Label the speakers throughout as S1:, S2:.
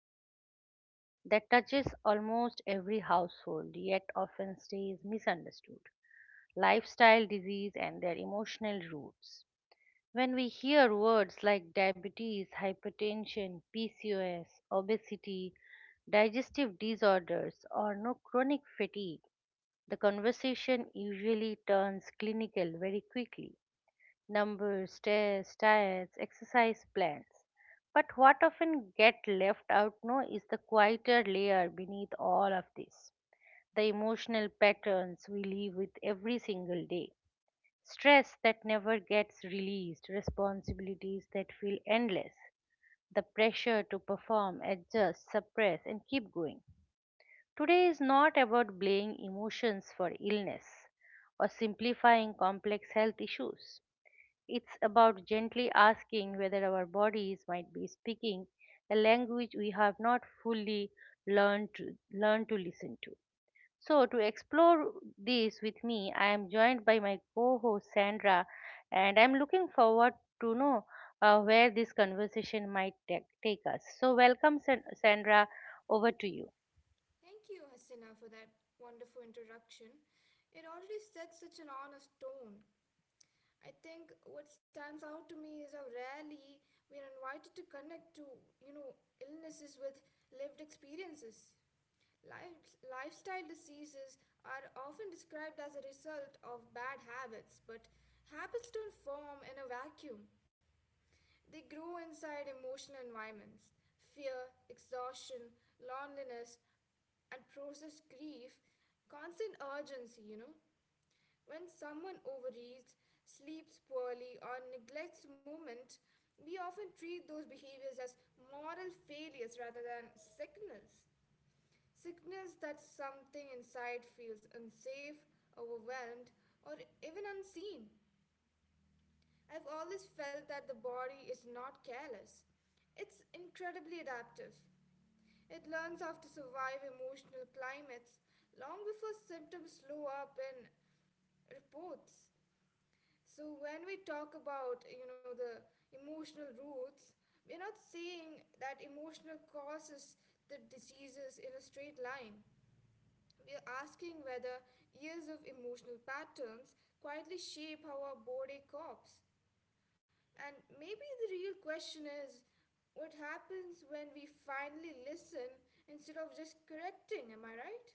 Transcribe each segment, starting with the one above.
S1: a topic that touches almost every household yet often stays misunderstood: lifestyle disease and their emotional roots. When we hear words like diabetes, hypertension, PCOS, obesity, digestive disorders, or no chronic fatigue, the conversation usually turns clinical very quickly: numbers, tests, diets, exercise plans. But what often get left out no is the quieter layer beneath all of this. The emotional patterns we live with every single day. Stress that never gets released, responsibilities that feel endless, the pressure to perform, adjust, suppress, and keep going. Today is not about blaming emotions for illness or simplifying complex health issues. It's about gently asking whether our bodies might be speaking a language we have not fully learned to listen to. So, to explore this with me, I am joined by my co-host Sandra, and I'm looking forward to know where this conversation might take us. So, welcome, Sandra. Over to you.
S2: Thank you, Hasina, for that wonderful introduction. It already sets such an honest tone. I think what stands out to me is how rarely we are invited to connect to, you know, illnesses with lived experiences. Lifestyle diseases are often described as a result of bad habits, but habits don't form in a vacuum. They grow inside emotional environments. Fear, exhaustion, loneliness, and processed grief, constant urgency. When someone overeats, sleeps poorly, or neglects movement, we often treat those behaviors as moral failures rather than signals. Signals that something inside feels unsafe, overwhelmed, or even unseen. I've always felt that the body is not careless. It's incredibly adaptive. It learns how to survive emotional climates long before symptoms slow up in reports. So when we talk about, the emotional roots, we're not saying that emotional causes the diseases in a straight line. We are asking whether years of emotional patterns quietly shape how our body copes. And maybe the real question is what happens when we finally listen instead of just correcting? Am I right?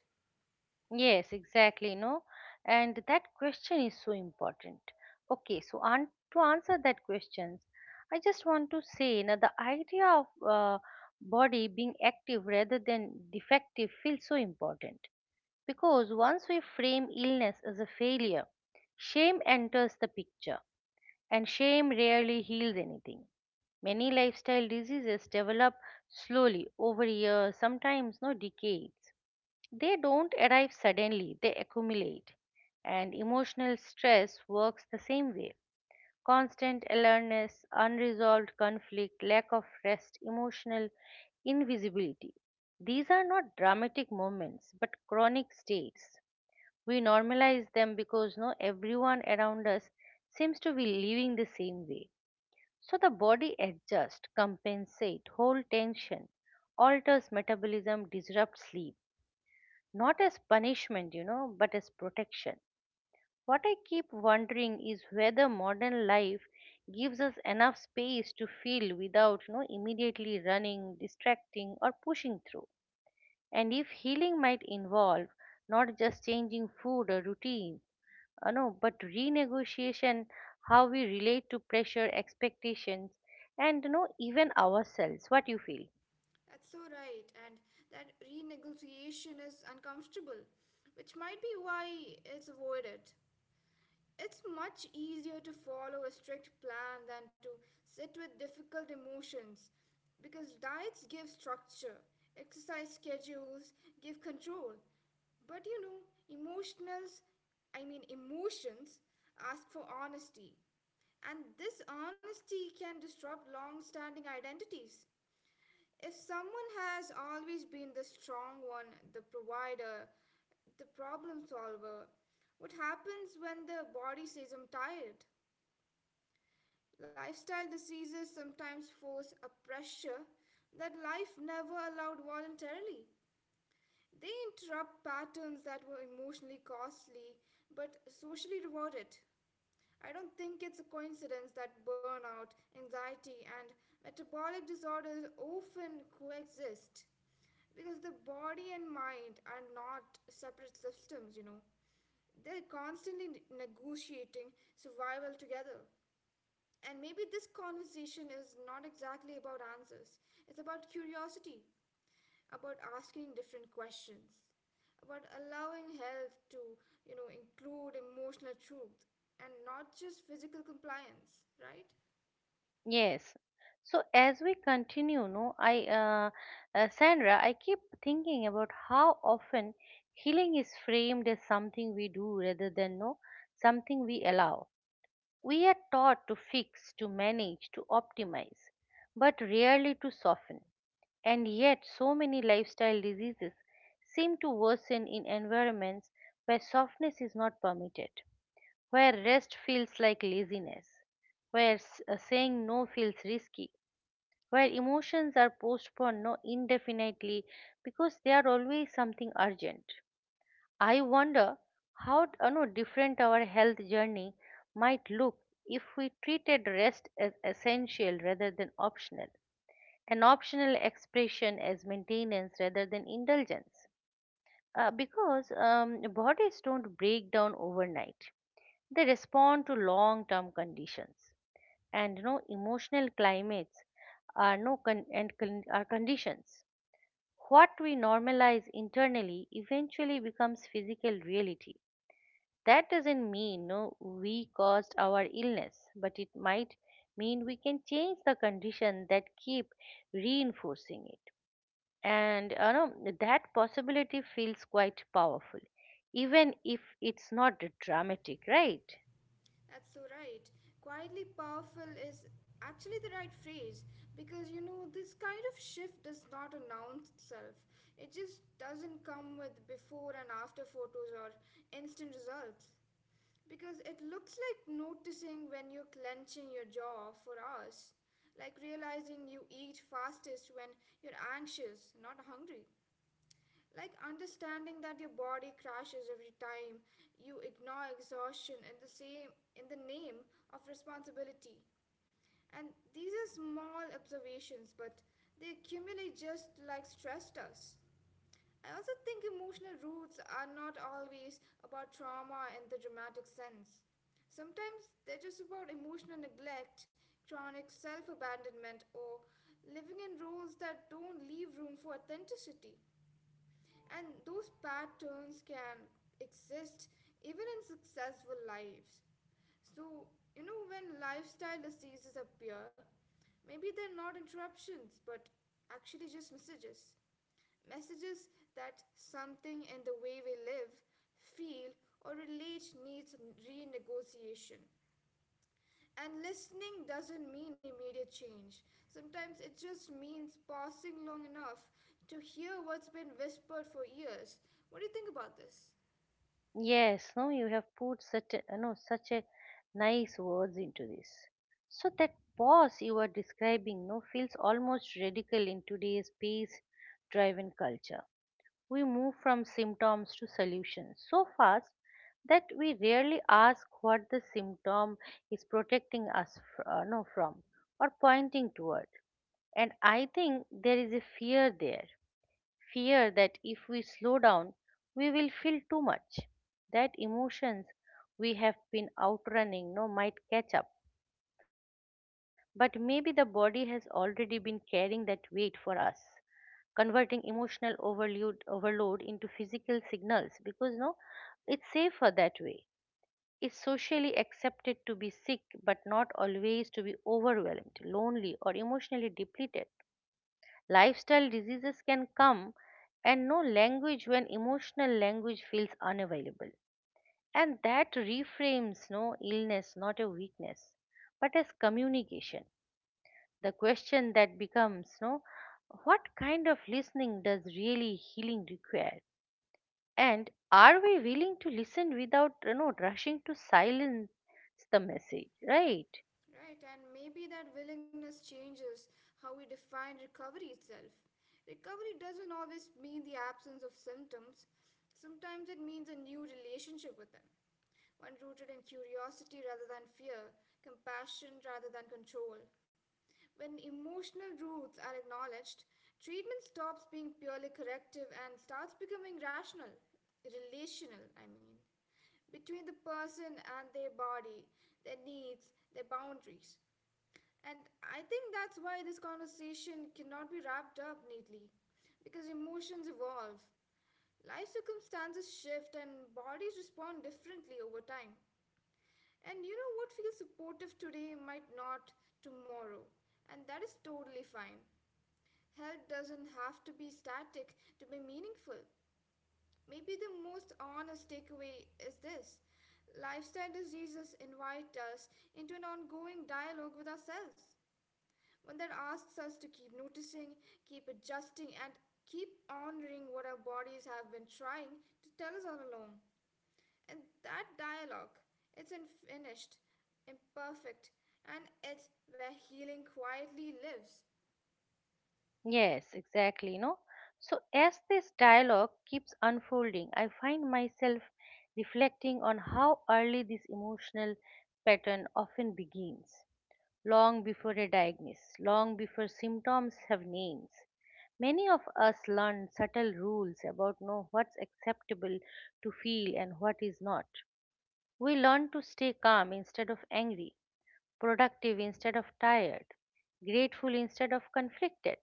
S1: Yes, exactly, no. And that question is so important. Okay, so an to answer that questions, I just want to say now the idea of body being active rather than defective feels so important because once we frame illness as a failure, shame enters the picture, and shame rarely heals anything. Many lifestyle diseases develop slowly over years, sometimes no decades. They don't arrive suddenly, they accumulate. And emotional stress works the same way. Constant alertness, unresolved conflict, lack of rest, emotional invisibility. These are not dramatic moments but chronic states. We normalize them because no everyone around us seems to be living the same way. So the body adjusts, compensates, hold tension, alters metabolism, disrupts sleep not as punishment, but as protection. What I keep wondering is whether modern life gives us enough space to feel without, immediately running, distracting, or pushing through. And if healing might involve not just changing food or routine, no, but renegotiation how we relate to pressure, expectations, and even ourselves. What you feel?
S2: That's so right. And that renegotiation is uncomfortable, which might be why it's avoided. It's much easier to follow a strict plan than to sit with difficult emotions because diets give structure, exercise schedules give control. But you know, emotionals, I mean, emotions ask for honesty, and this honesty can disrupt long standing identities. If someone has always been the strong one, the provider, the problem solver, what happens when the body says, I'm tired? Lifestyle diseases sometimes force a pressure that life never allowed voluntarily. They interrupt patterns that were emotionally costly but socially rewarded. I don't think it's a coincidence that burnout, anxiety, and metabolic disorders often coexist because the body and mind are not separate systems, you know. They're constantly negotiating survival together. And maybe this conversation is not exactly about answers, it's about curiosity, about asking different questions, about allowing health to, include emotional truth and not just physical compliance, right?
S1: Yes. So as we continue, no, Sandra, I keep thinking about how often healing is framed as something we do rather than no, something we allow. We are taught to fix, to manage, to optimize, but rarely to soften. And yet, so many lifestyle diseases seem to worsen in environments where softness is not permitted, where rest feels like laziness, where saying no feels risky, where emotions are postponed no indefinitely because they are always something urgent. I wonder how no, different our health journey might look if we treated rest as essential rather than optional, an optional expression as maintenance rather than indulgence. Because bodies don't break down overnight, they respond to long term conditions and emotional climates are no are conditions. What we normalize internally eventually becomes physical reality. That doesn't mean no we caused our illness, but it might mean we can change the condition that keep reinforcing it. And that possibility feels quite powerful, even if it's not dramatic, right?
S2: That's so right. Quietly powerful is actually the right phrase because this kind of shift does not announce itself. It just doesn't come with before and after photos or instant results. Because it looks like noticing when you're clenching your jaw for us, like realizing you eat fastest when you're anxious, not hungry. Like understanding that your body crashes every time you ignore exhaustion in the name of responsibility. And these are small observations, but they accumulate just like stress does. I also think emotional roots are not always about trauma in the dramatic sense. Sometimes they're just about emotional neglect, chronic self abandonment, or living in roles that don't leave room for authenticity. And those patterns can exist even in successful lives. So, when lifestyle diseases appear, maybe they're not interruptions, but actually just messages messages that something in the way we live, feel, or relate needs renegotiation. And listening doesn't mean immediate change. Sometimes it just means pausing long enough to hear what's been whispered for years. What do you think about this?
S1: Yes, no, you have put such a, no, such a nice words into this. So that pause you are describing, no, feels almost radical in today's pace-driven culture. We move from symptoms to solutions so fast that we rarely ask what the symptom is protecting us no, from, or pointing toward. And I think there is a fear there, fear that if we slow down, we will feel too much, that emotions we have been outrunning no might catch up. But maybe the body has already been carrying that weight for us, converting emotional overload into physical signals because no, it's safer that way. It's socially accepted to be sick, but not always to be overwhelmed, lonely, or emotionally depleted. Lifestyle diseases can come, and no language when emotional language feels unavailable. And that reframes no illness, not a weakness, but as communication. The question that becomes no, what kind of listening does really healing require? And are we willing to listen without rushing to silence the message, right?
S2: Right, and maybe that willingness changes how we define recovery itself. Recovery doesn't always mean the absence of symptoms, sometimes it means a new relationship with them. One rooted in curiosity rather than fear, compassion rather than control. When emotional roots are acknowledged, treatment stops being purely corrective and starts becoming rational, relational, I mean, between the person and their body, their needs, their boundaries. And I think that's why this conversation cannot be wrapped up neatly, because emotions evolve. Life circumstances shift and bodies respond differently over time. And what feels supportive today might not tomorrow, and that is totally fine. Health doesn't have to be static to be meaningful. Maybe the most honest takeaway is this: lifestyle diseases invite us into an ongoing dialogue with ourselves, one that asks us to keep noticing, keep adjusting, and keep honoring what our bodies have been trying to tell us all along. And that dialogue, it's unfinished, imperfect, and it's where healing quietly lives.
S1: Yes, exactly. No, so as this dialogue keeps unfolding, I find myself reflecting on how early this emotional pattern often begins, long before a diagnosis, long before symptoms have names. Many of us learn subtle rules about know what's acceptable to feel and what is not. We learn to stay calm instead of angry, productive instead of tired, grateful instead of conflicted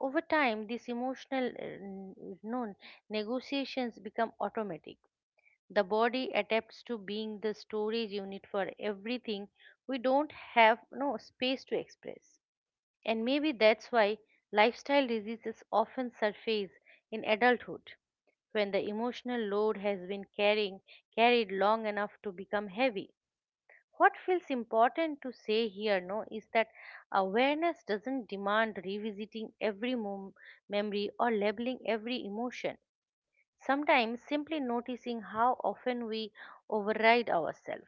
S1: over time. These emotional no, negotiations become automatic. The body adapts to being the storage unit for everything we don't have no space to express. And maybe that's why lifestyle diseases often surface in adulthood, when the emotional load has been carrying carried long enough to become heavy. What feels important to say here no is that awareness doesn't demand revisiting every memory or labeling every emotion. Sometimes simply noticing how often we override ourselves,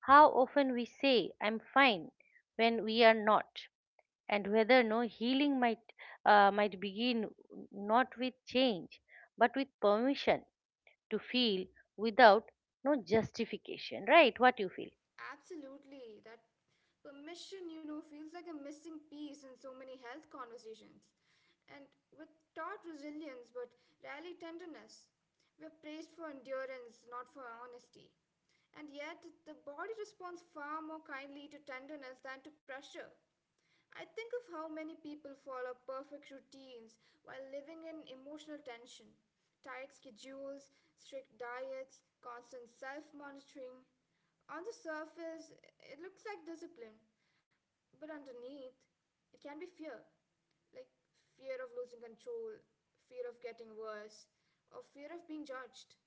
S1: how often we say I'm fine when we are not, and whether no healing might begin not with change but with permission to feel without no justification, right? What you feel?
S2: Absolutely. That permission feels like a missing piece in so many health conversations. And we're taught resilience, but rarely tenderness. We're praised for endurance, not for honesty. And yet, the body responds far more kindly to tenderness than to pressure. I think of how many people follow perfect routines while living in emotional tension. Tight schedules, strict diets, constant self monitoring. On the surface, it looks like discipline, but underneath, it can be fear. Like fear of losing control, fear of getting worse, or fear of being judged.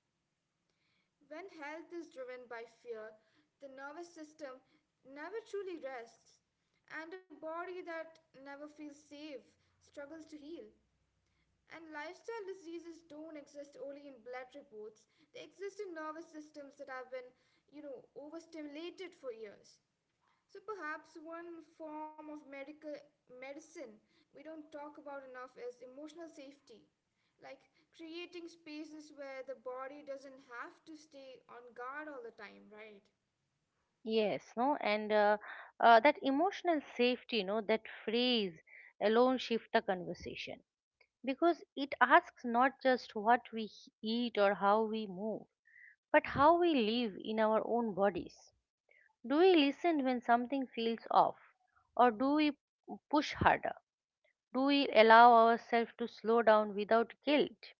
S2: When health is driven by fear, the nervous system never truly rests, and a body that never feels safe struggles to heal. And lifestyle diseases don't exist only in blood reports, they exist in nervous systems that have been, overstimulated for years. So perhaps one form of medical medicine we don't talk about enough is emotional safety. Like creating spaces where the body doesn't have to stay on guard all the time, right?
S1: Yes, no, and that emotional safety, no, that phrase alone shift the conversation because it asks not just what we eat or how we move, but how we live in our own bodies. Do we listen when something feels off, or do we push harder? Do we allow ourselves to slow down without guilt?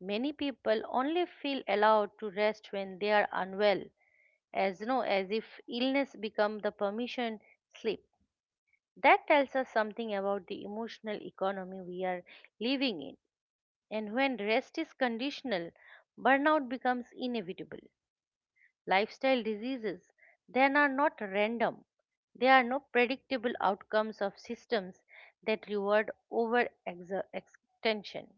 S1: Many people only feel allowed to rest when they are unwell, as as if illness become the permission slip that tells us something about the emotional economy we are living in. And when rest is conditional, burnout becomes inevitable. Lifestyle diseases then are not random, they are no predictable outcomes of systems that reward over extension.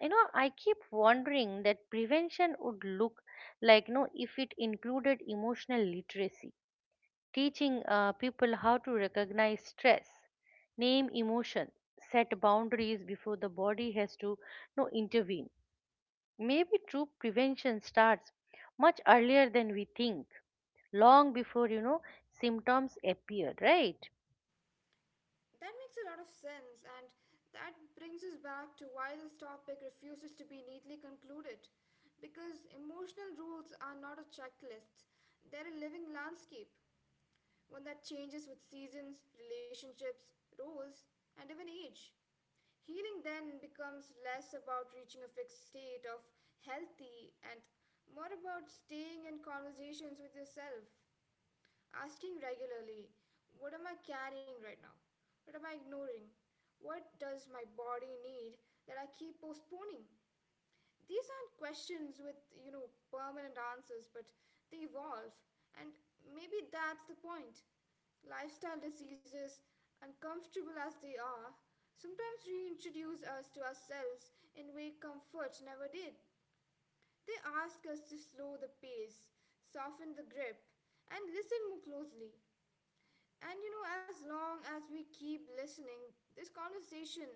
S1: I keep wondering that prevention would look like no if it included emotional literacy, teaching people how to recognize stress, name emotion, set boundaries before the body has to no intervene. Maybe true prevention starts much earlier than we think, long before symptoms appear, right?
S2: That makes a lot of sense, and that brings us back to why this topic refuses to be neatly concluded. Because emotional rules are not a checklist, they're a living landscape, one that changes with seasons, relationships, roles, and even age. Healing then becomes less about reaching a fixed state of healthy and more about staying in conversations with yourself, asking regularly, what am I carrying right now? What am I ignoring? What does my body need that I keep postponing? These aren't questions with permanent answers, but they evolve. And maybe that's the point. Lifestyle diseases, uncomfortable as they are, sometimes reintroduce us to ourselves in way comfort never did. They ask us to slow the pace, soften the grip, and listen more closely. And as long as we keep listening, this conversation,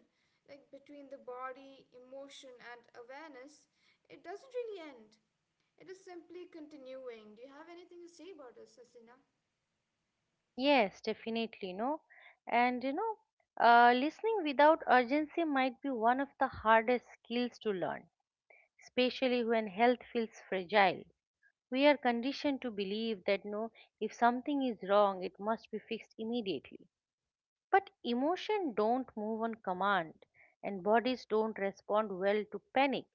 S2: like between the body, emotion, and awareness, it doesn't really end. It is simply continuing. Do you have anything to say about this, Asina?
S1: Yes, definitely, no. And listening without urgency might be one of the hardest skills to learn, especially when health feels fragile. We are conditioned to believe that no, if something is wrong, it must be fixed immediately. But emotion don't move on command, and bodies don't respond well to panic.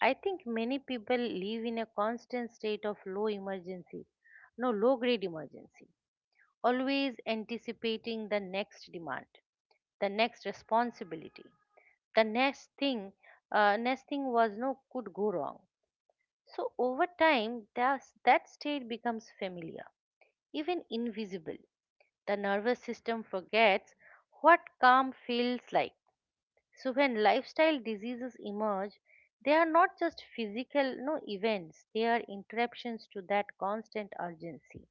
S1: I think many people live in a constant state of low emergency, no low grade emergency, always anticipating the next demand, the next responsibility, the next thing was no could go wrong. So over time, that state becomes familiar, even invisible. The nervous system forgets what calm feels like. So when lifestyle diseases emerge, they are not just physical no events, they are interruptions to that constant urgency.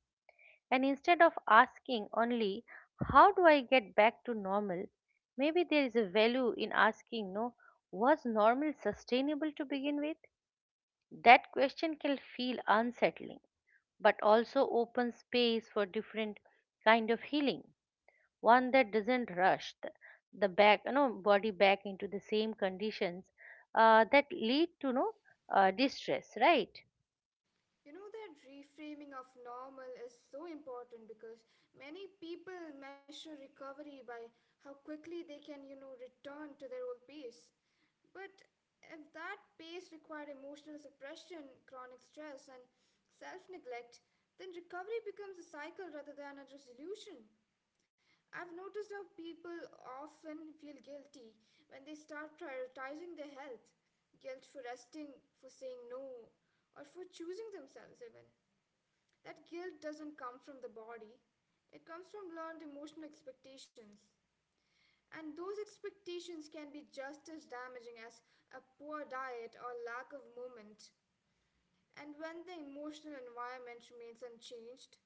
S1: And instead of asking only how do I get back to normal, maybe there is a value in asking no was normal sustainable to begin with? That question can feel unsettling but also open space for different kind of healing, one that doesn't rush the back body back into the same conditions that lead to no distress, right?
S2: You know that reframing of normal is so important because many people measure recovery by how quickly they can, return to their old pace. But if that pace required emotional suppression, chronic stress, and self neglect, then recovery becomes a cycle rather than a resolution. I've noticed how people often feel guilty when they start prioritizing their health, guilt for resting, for saying no, or for choosing themselves, even. That guilt doesn't come from the body, it comes from learned emotional expectations. And those expectations can be just as damaging as a poor diet or lack of movement. And when the emotional environment remains unchanged,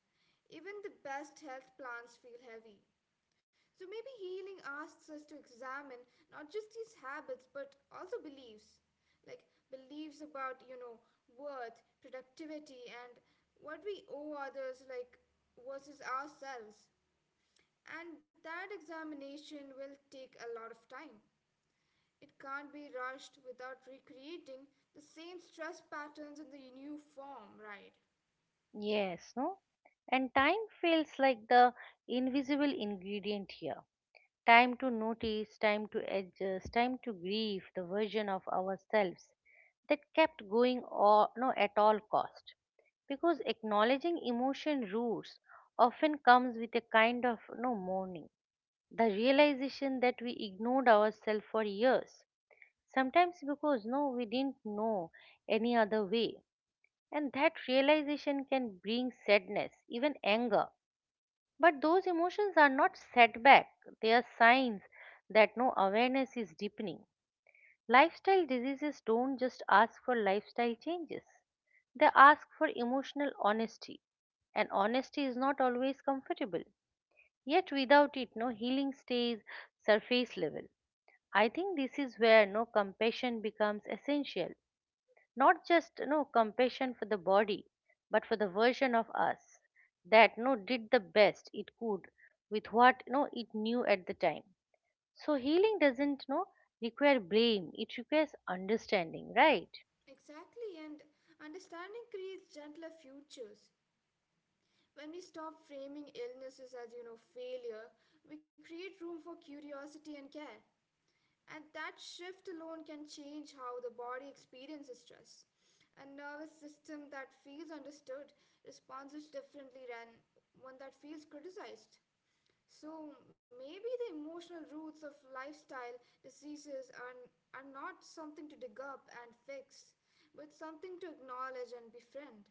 S2: even the best health plans feel heavy. So maybe healing asks us to examine not just these habits but also beliefs. Like beliefs about, worth, productivity, and what we owe others, like versus ourselves. And that examination will take a lot of time. It can't be rushed without recreating the same stress patterns in the new form, right?
S1: Yes, no. And time feels like the invisible ingredient here. Time to notice, time to adjust, time to grieve the version of ourselves that kept going or no at all cost. Because acknowledging emotion roots often comes with a kind of no mourning. The realization that we ignored ourselves for years, sometimes because no we didn't know any other way. And that realization can bring sadness, even anger, but those emotions are not setback, they are signs that no awareness is deepening. Lifestyle diseases don't just ask for lifestyle changes, they ask for emotional honesty. And honesty is not always comfortable. Yet, without it, no healing stays surface level. I think this is where no compassion becomes essential, not just no compassion for the body but for the version of us that no did the best it could with what no it knew at the time. So healing doesn't no require blame, it requires understanding, right?
S2: Exactly, and understanding creates gentler futures. When we stop framing illnesses as, failure, we create room for curiosity and care. And that shift alone can change how the body experiences stress. A nervous system that feels understood responds differently than one that feels criticized. So maybe the emotional roots of lifestyle diseases are not something to dig up and fix, but something to acknowledge and befriend.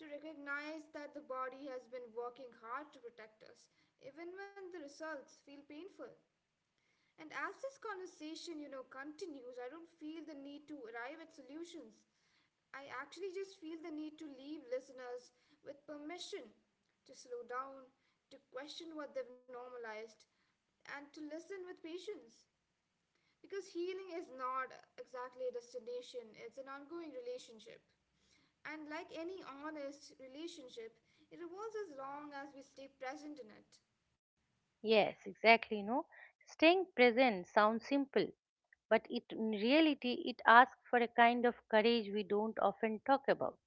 S2: To recognize that the body has been working hard to protect us, even when the results feel painful. And as this conversation, continues, I don't feel the need to arrive at solutions. I actually just feel the need to leave listeners with permission to slow down, to question what they've normalized, and to listen with patience. Because healing is not exactly a destination, it's an ongoing relationship. And like any honest relationship, it evolves as long as we stay present in it.
S1: Yes, exactly, no. Staying present sounds simple, but it in reality it asks for a kind of courage we don't often talk about.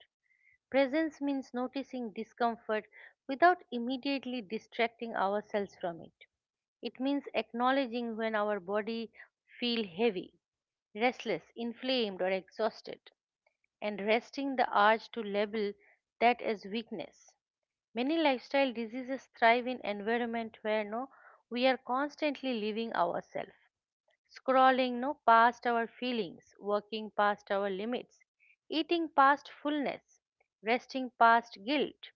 S1: Presence means noticing discomfort without immediately distracting ourselves from it. It means acknowledging when our body feel heavy, restless, inflamed or exhausted, and resting the urge to label that as weakness. Many lifestyle diseases thrive in environment where no we are constantly leaving ourselves, scrolling no past our feelings, working past our limits, eating past fullness, resting past guilt.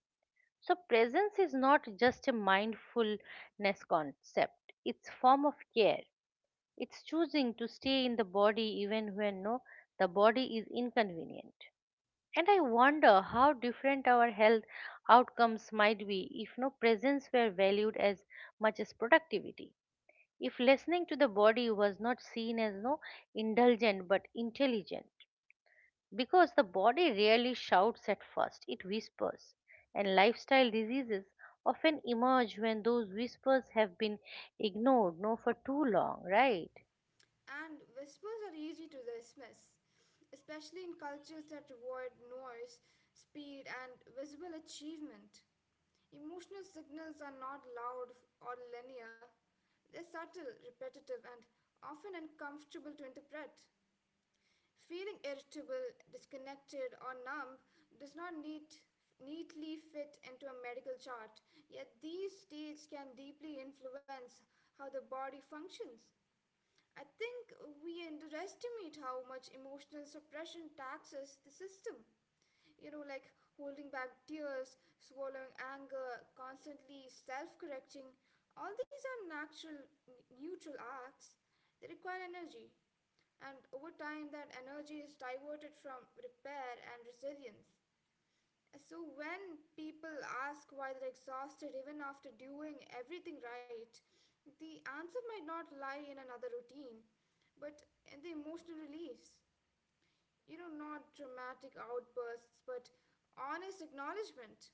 S1: So presence is not just a mindfulness concept, it's form of care. It's choosing to stay in the body even when no the body is inconvenient. And I wonder how different our health outcomes might be if no presence were valued as much as productivity. If listening to the body was not seen as no indulgent but intelligent. Because the body rarely shouts at first, it whispers. And lifestyle diseases often emerge when those whispers have been ignored no for too long, right?
S2: And whispers are easy to dismiss, especially in cultures that reward noise, speed, and visible achievement. Emotional signals are not loud or linear, they're subtle, repetitive, and often uncomfortable to interpret. Feeling irritable, disconnected, or numb does not neat, neatly fit into a medical chart, yet these states can deeply influence how the body functions. I think we underestimate how much emotional suppression taxes the system. Like holding back tears, swallowing anger, constantly self correcting. All these are natural, neutral acts. They require energy. And over time, that energy is diverted from repair and resilience. So when people ask why they're exhausted even after doing everything right, the answer might not lie in another routine, but in the emotional release. Not dramatic outbursts, but honest acknowledgement.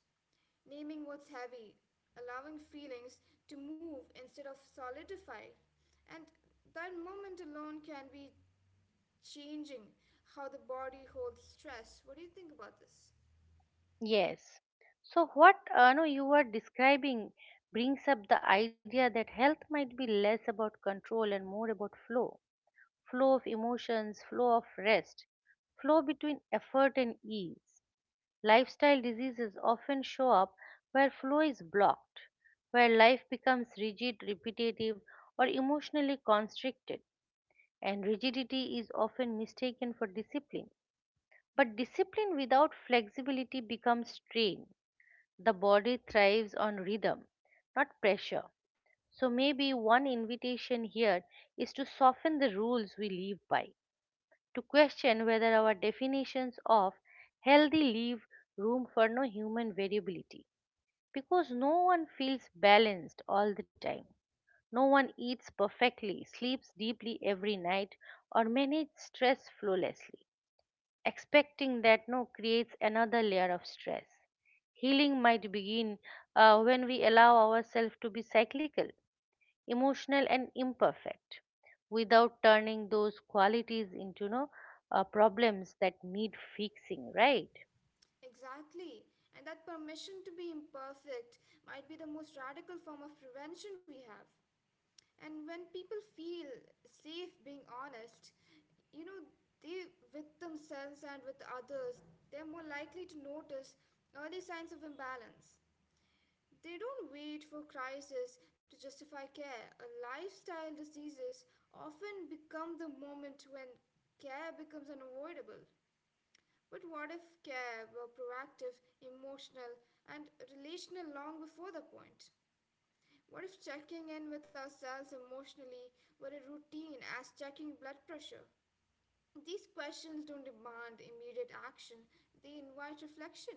S2: Naming what's heavy, allowing feelings to move instead of solidify. And that moment alone can be changing how the body holds stress. What do you think about this?
S1: Yes. So what no, you are describing brings up the idea that health might be less about control and more about flow, flow of emotions, flow of rest, flow between effort and ease. Lifestyle diseases often show up where flow is blocked, where life becomes rigid, repetitive, or emotionally constricted, and rigidity is often mistaken for discipline. But discipline without flexibility becomes strain the body thrives on rhythm, not pressure. So maybe one invitation here is to soften the rules we live by, to question whether our definitions of healthy leave room for human variability. Because no one feels balanced all the time. No one eats perfectly, sleeps deeply every night, or manages stress flawlessly. Expecting that no creates another layer of stress. Healing might begin when we allow ourselves to be cyclical, emotional, and imperfect without turning those qualities into no, problems that need fixing, right?
S2: Exactly. And that permission to be imperfect might be the most radical form of prevention we have. And when people feel safe being honest, you know, they with themselves and with others, they're more likely to notice early signs of imbalance. They don't wait for crisis to justify care. A lifestyle diseases often become the moment when care becomes unavoidable. But what if care were proactive, emotional, and relational long before the point? What if checking in with ourselves emotionally were a routine as checking blood pressure? These questions don't demand immediate action, they invite reflection.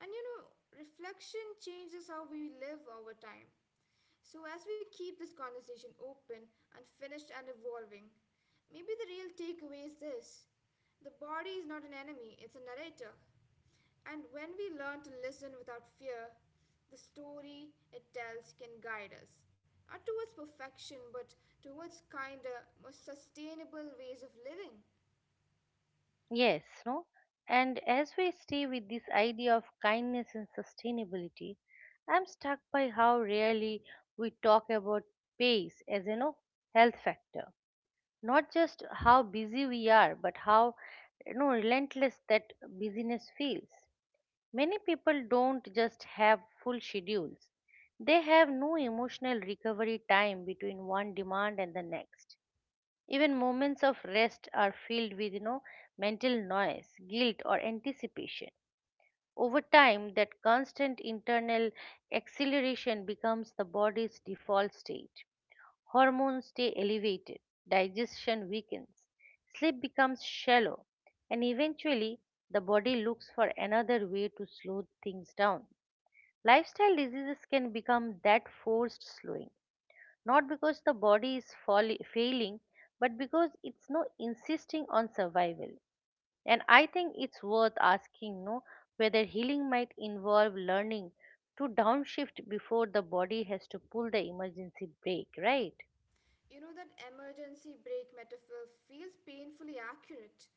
S2: And reflection changes how we live over time. So, as we keep this conversation open, unfinished, and evolving, maybe the real takeaway is this: the body is not an enemy, it's a narrator. And when we learn to listen without fear, the story it tells can guide us, not towards perfection, but towards kinder, more sustainable ways of living.
S1: Yes, no? And as we stay with this idea of kindness and sustainability, I'm struck by how rarely we talk about pace as a know health factor. Not just how busy we are, but how relentless that busyness feels. Many people don't just have full schedules, they have no emotional recovery time between one demand and the next. Even moments of rest are filled with mental noise, guilt, or anticipation. Over time, that constant internal acceleration becomes the body's default state. Hormones stay elevated, digestion weakens, sleep becomes shallow, and eventually the body looks for another way to slow things down. Lifestyle diseases can become that forced slowing, not because the body is failing, but because it's no insisting on survival. And I think it's worth asking no whether healing might involve learning to downshift before the body has to pull the emergency brake, right?
S2: That emergency brake metaphor feels painfully accurate.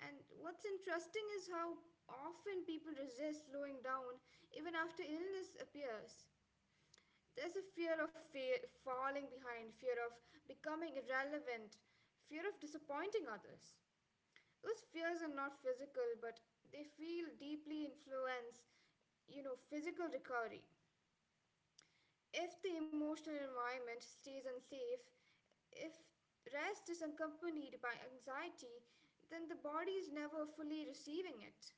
S2: And what's interesting is how often people resist slowing down even after illness appears. There's a fear of falling behind, fear of becoming irrelevant, fear of disappointing others. Those fears are not physical, but they feel deeply influence physical recovery. If the emotional environment stays unsafe, if rest is accompanied by anxiety, then the body is never fully receiving it.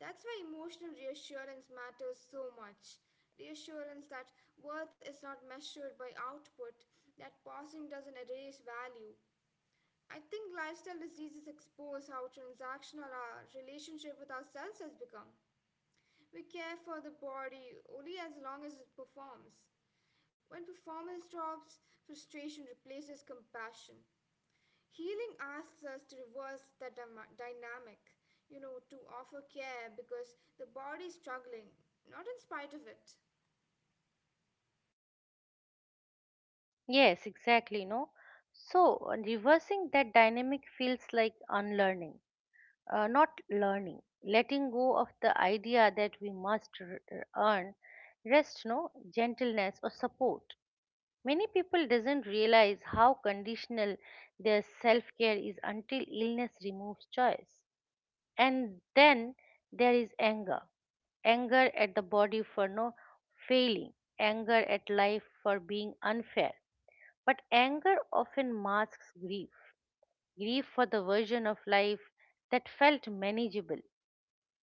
S2: That's why emotional reassurance matters so much. Reassurance that worth is not measured by output, that passing doesn't erase value. I think lifestyle diseases expose how transactional our relationship with ourselves has become. We care for the body only as long as it performs. When performance drops, frustration replaces compassion. Healing asks us to reverse that dynamic, to offer care because the body is struggling, not in spite of it.
S1: Yes, exactly, no. So, reversing that dynamic feels like unlearning not learning letting go of the idea that we must earn rest no gentleness or support many people doesn't realize how conditional their self-care is until illness removes choice and then there is anger anger at the body for no failing anger at life for being unfair but anger often masks grief grief for the version of life that felt manageable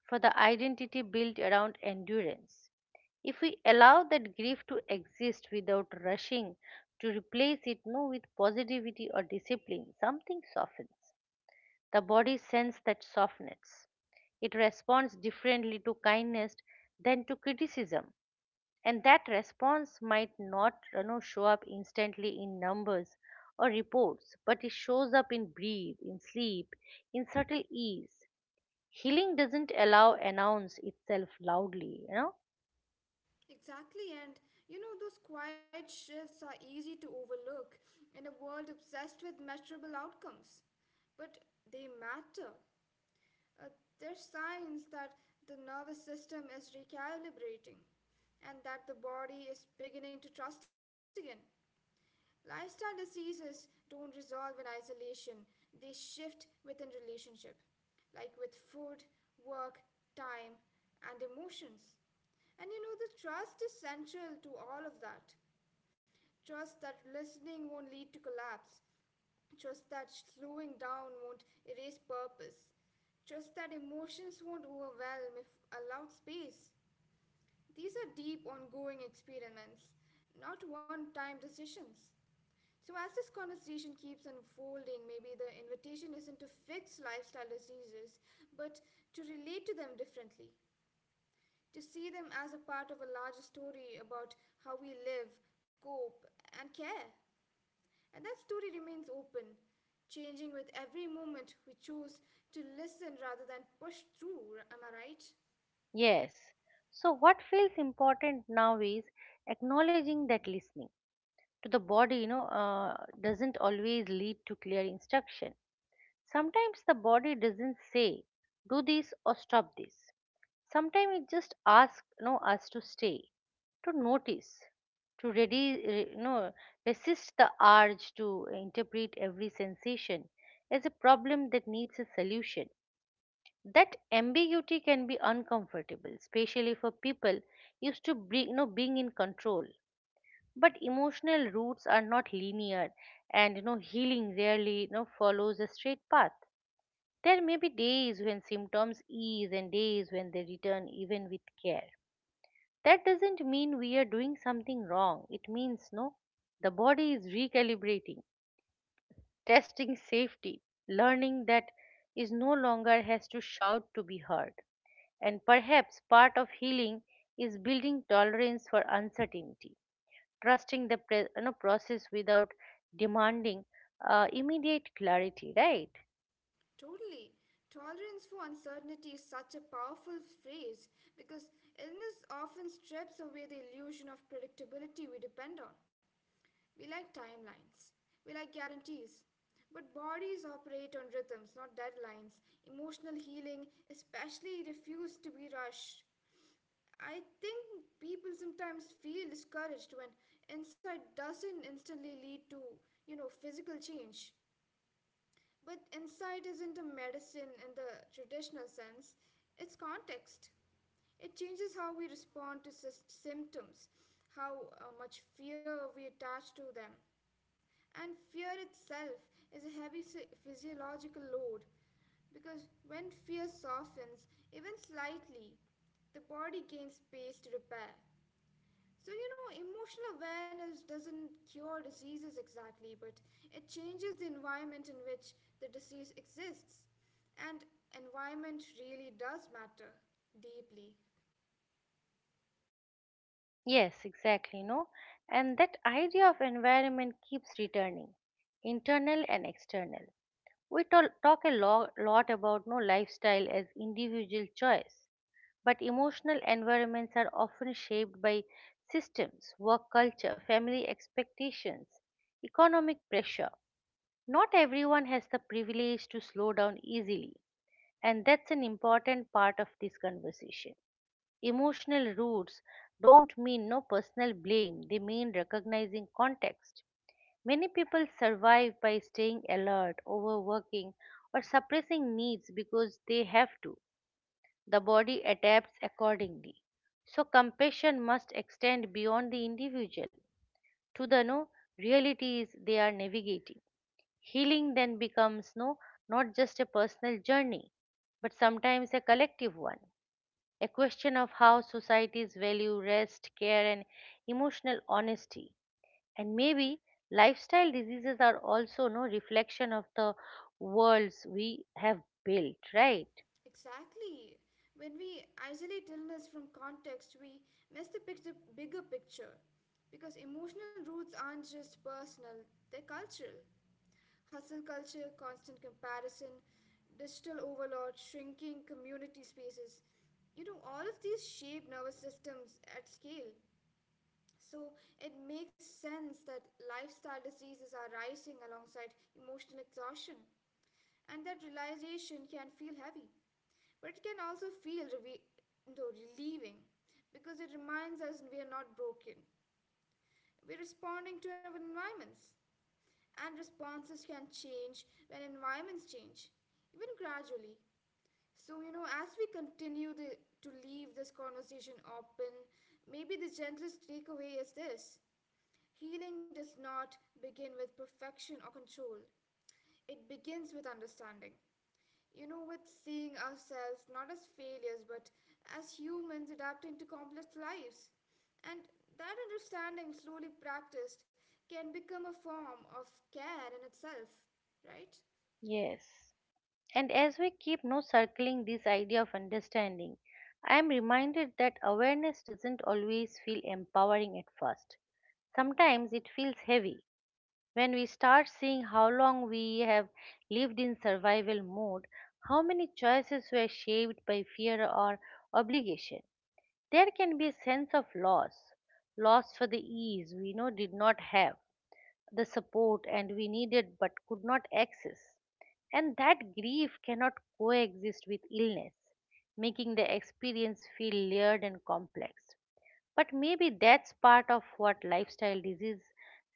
S1: for the identity built around endurance. If we allow that grief to exist without rushing to replace it no with positivity or discipline, something softens. The body sense that softens. It responds differently to kindness than to criticism. And that response might not show up instantly in numbers or reports, but it shows up in breathe, in sleep, in subtle ease healing doesn't allow announce itself loudly
S2: Exactly, and those quiet shifts are easy to overlook in a world obsessed with measurable outcomes. But they matter. Uh, they're signs that the nervous system is recalibrating and that the body is beginning to trust again. Lifestyle diseases don't resolve in isolation, they shift within relationship, like with food, work, time, and emotions. And the trust is central to all of that. Trust that listening won't lead to collapse. Trust that slowing down won't erase purpose. Trust that emotions won't overwhelm if allowed space. These are deep, ongoing experiments, not one time decisions. So, as this conversation keeps unfolding, maybe the invitation isn't to fix lifestyle diseases, but to relate to them differently, to see them as a part of a larger story about how we live, cope, and care. And that story remains open, changing with every moment we choose to listen rather than push through. Am I right?
S1: yes so what feels important now is acknowledging that listening to the body doesn't always lead to clear instruction sometimes the body doesn't say do this or stop this sometimes it just asks us to stay to notice to ready re- you know resist the urge to interpret every sensation as a problem that needs a solution that ambiguity can be uncomfortable especially for people used to be, you know being in control but emotional roots are not linear and healing rarely follows a straight path there may be days when symptoms ease and days when they return even with care that doesn't mean we are doing something wrong it means no the body is recalibrating testing safety learning that is no longer has to shout to be heard. And perhaps part of healing is building tolerance for uncertainty, trusting the process without demanding immediate clarity, right?
S2: Totally. Tolerance for uncertainty is such a powerful phrase because illness often strips away the illusion of predictability we depend on. We like timelines, we like guarantees. But bodies operate on rhythms, not deadlines. Emotional healing, especially, refuses to be rushed. I think people sometimes feel discouraged when insight doesn't instantly lead to, physical change. But insight isn't a medicine in the traditional sense, it's context. It changes how we respond to symptoms, how much fear we attach to them. And fear itself is a heavy physiological load because when fear softens, even slightly, the body gains space to repair. So, emotional awareness doesn't cure diseases exactly, but it changes the environment in which the disease exists. And environment really does matter deeply.
S1: Yes, exactly. No, And that idea of environment keeps returning, internal and external. We talk a lot about no lifestyle as individual choice, but emotional environments are often shaped by systems, work culture, family expectations, economic pressure. Not everyone has the privilege to slow down easily, and that's an important part of this conversation. Emotional roots don't mean no personal blame, they mean recognizing context. Many people survive by staying alert, overworking, or suppressing needs because they have to the body adapts accordingly. So compassion must extend beyond the individual to the no realities they are navigating. Healing then becomes not just a personal journey, but sometimes a collective one. A question of how societies value rest, care, and emotional honesty. And maybe lifestyle diseases are also no reflection of the worlds we have built, right?
S2: Exactly. When we isolate illness from context, we bigger picture. Because emotional roots aren't just personal, they're cultural. Hustle culture, constant comparison, digital overload, shrinking community spaces. All of these shape nervous systems at scale. So it makes sense that lifestyle diseases are rising alongside emotional exhaustion. And that realization can feel heavy, but it can also feel though relieving, because it reminds us we are not broken. We're responding to our environments, and responses can change when environments change, even gradually. So, as we to leave this conversation open, maybe the gentlest takeaway is this: healing does not begin with perfection or control, it begins with understanding, with seeing ourselves not as failures but as humans adapting to complex lives. And that understanding, slowly practiced, can become a form of care in itself, right?
S1: Yes. And as we keep no circling this idea of understanding, I am reminded that awareness doesn't always feel empowering at first. Sometimes it feels heavy. When we start seeing how long we have lived in survival mode, how many choices were shaped by fear or obligation, there can be a sense of loss, loss for the ease we know did not have, the support and we needed but could not access. And that grief cannot coexist with illness, making the experience feel layered and complex. But maybe that's part of what lifestyle disease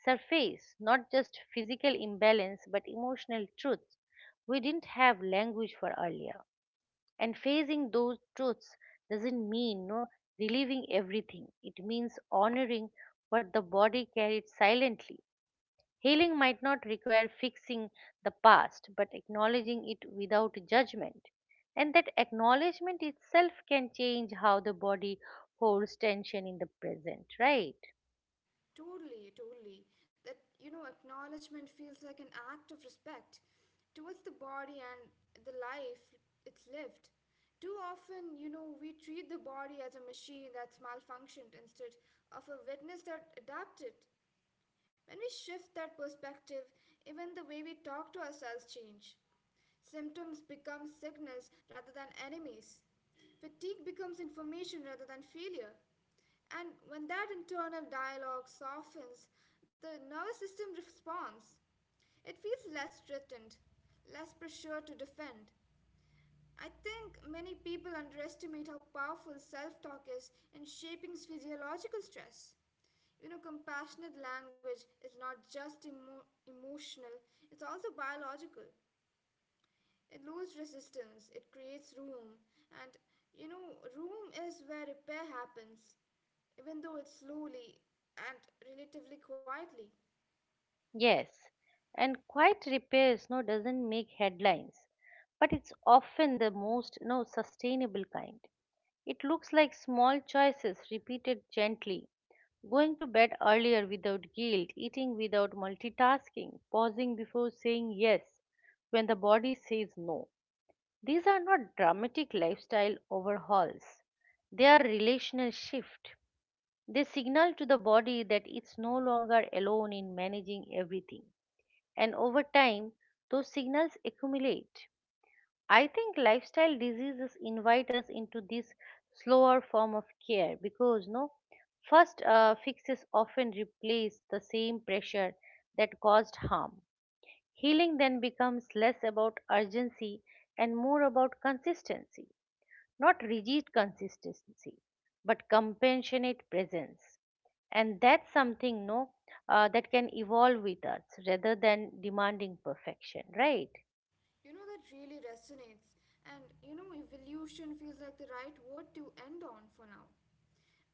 S1: surface, not just physical imbalance but emotional truths we didn't have language for earlier. And facing those truths doesn't mean no relieving everything. It means honoring what the body carried silently healing might not require fixing the past, but acknowledging it without judgment. And that acknowledgement itself can change how the body holds tension in the present, right?
S2: Totally, totally. That, acknowledgement feels like an act of respect towards the body and the life it's lived. Too often, we treat the body as a machine that's malfunctioned instead of a witness that adapted. When we shift that perspective, even the way we talk to ourselves change. Symptoms become signals rather than enemies. Fatigue becomes information rather than failure. And when that internal dialogue softens, the nervous system responds. It feels less threatened, less pressure to defend. I think many people underestimate how powerful self talk is in shaping physiological stress. Compassionate language is not just emotional, it's also biological. It loses resistance, it creates room, and room is where repair happens, even though it's slowly and relatively quietly.
S1: Yes. And quiet repair doesn't make headlines, but it's often the most no, sustainable kind. It looks like small choices repeated gently. Going to bed earlier without guilt, eating without multitasking, pausing before saying yes when the body says no. These are not dramatic lifestyle overhauls. They are relational shift. They signal to the body that it's no longer alone in managing everything. And over time, those signals accumulate. I think lifestyle diseases invite us into this slower form of care because no first fixes often replace the same pressure that caused harm. Healing then becomes less about urgency and more about consistency, not rigid consistency, but compassionate presence. And that's something no that can evolve with us rather than demanding perfection, right?
S2: That really resonates, and evolution feels like the right word to end on for now.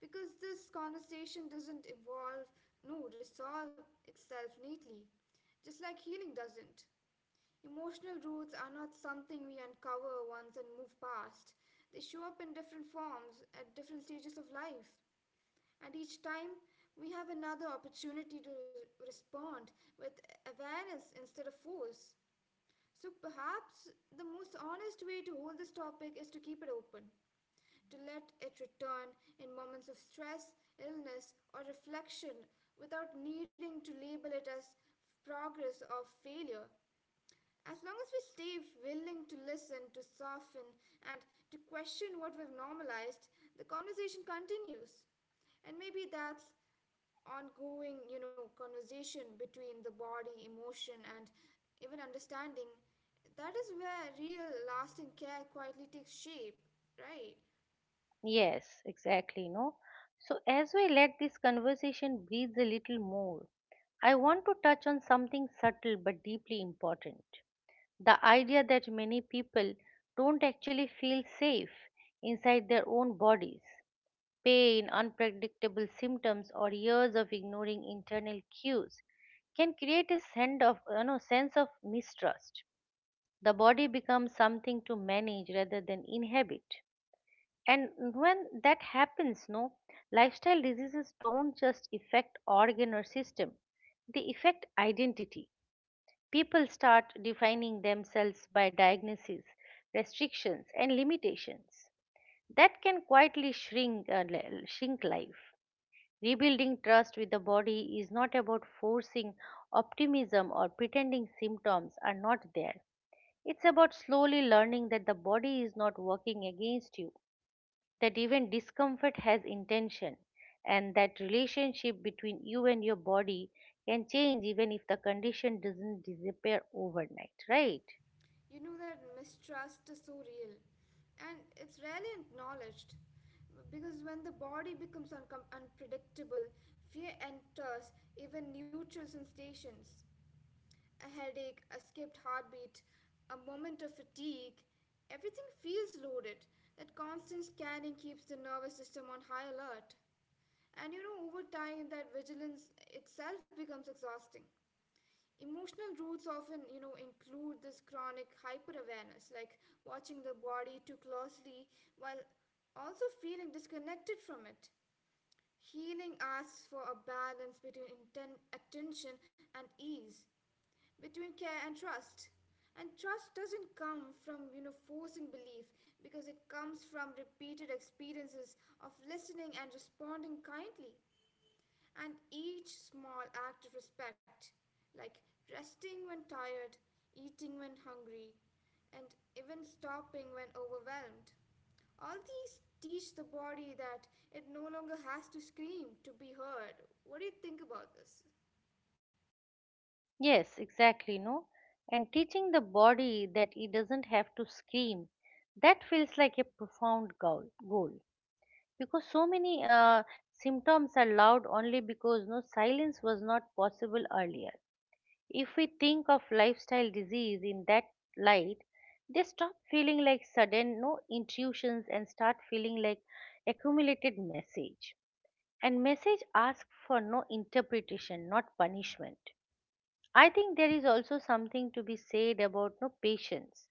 S2: Because this conversation doesn't evolve, no, resolve itself neatly, just like healing doesn't. Emotional roots are not something we uncover once and move past. They show up in different forms at different stages of life. And each time, we have another opportunity to respond with awareness instead of force. So perhaps the most honest way to hold this topic is to keep it open, to let it return in moments of stress, illness, or reflection without needing to label it as progress or failure. As long as we stay willing to listen, to soften, and to question what we've normalized, the conversation continues. And maybe that's ongoing, conversation between the body, emotion, and even understanding. That is where real, lasting care quietly takes shape, right?
S1: Yes, exactly, no? So, as we let this conversation breathe a little more, I want to touch on something subtle but deeply important. The idea that many people don't actually feel safe inside their own bodies. Pain, unpredictable symptoms, or years of ignoring internal cues can create a sense of mistrust. The body becomes something to manage rather than inhabit and when that happens lifestyle diseases don't just affect organ or system they affect identity people start defining themselves by diagnoses restrictions and limitations that can quietly shrink shrink life rebuilding trust with the body is not about forcing optimism or pretending symptoms are not there it's about slowly learning that the body is not working against you that even discomfort has intention and that relationship between you and your body can change even if the condition doesn't disappear overnight right
S2: You know that mistrust is so real and it's rarely acknowledged because when the body becomes unpredictable, fear enters even neutral sensations. A headache, a skipped heartbeat, a moment of fatigue, everything feels loaded. That constant scanning keeps the nervous system on high alert. And over time, that vigilance itself becomes exhausting. Emotional roots often, include this chronic hyper awareness, like watching the body too closely while also feeling disconnected from it. Healing asks for a balance between attention and ease, between care and trust. And trust doesn't come from, forcing belief because it comes from repeated experiences of listening and responding kindly. And each small act of respect, like resting when tired, eating when hungry, and even stopping when overwhelmed, all these teach the body that it no longer has to scream to be heard. What do you think about this?
S1: yes exactly no And teaching the body that it doesn't have to scream that feels like a profound goal because so many symptoms are loud only because silence was not possible earlier. If we think of lifestyle disease in that light, they stop feeling like sudden no intuitions and start feeling like accumulated message. And message ask for interpretation, not punishment. I think there is also something to be said about patience.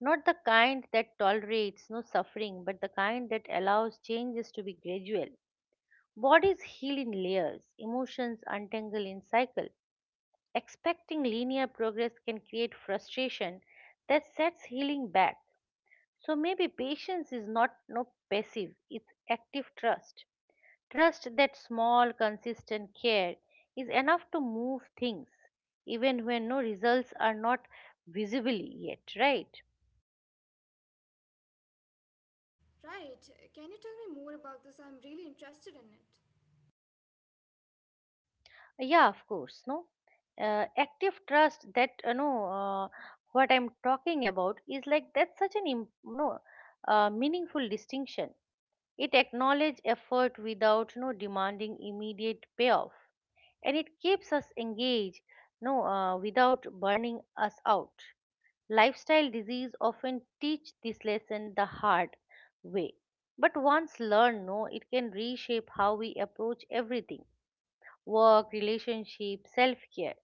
S1: Not the kind that tolerates no suffering, but the kind that allows changes to be gradual. Bodies heal in layers, emotions untangle in cycle expecting linear progress can create frustration that sets healing back. So maybe patience is not no passive, it's active trust. Trust that small, consistent care is enough to move things, even when results are not visible yet, right?
S2: Right, can you tell me more about this? I'm really interested in it.
S1: Yeah, of course, no. Active trust that you know what I'm talking about is like that's such an im- no meaningful distinction. It acknowledges effort without no demanding immediate payoff, and it keeps us engaged no without burning us out. Lifestyle disease often teach this lesson the hard way, but once learned, no, it can reshape how we approach everything: work, relationship, self-care.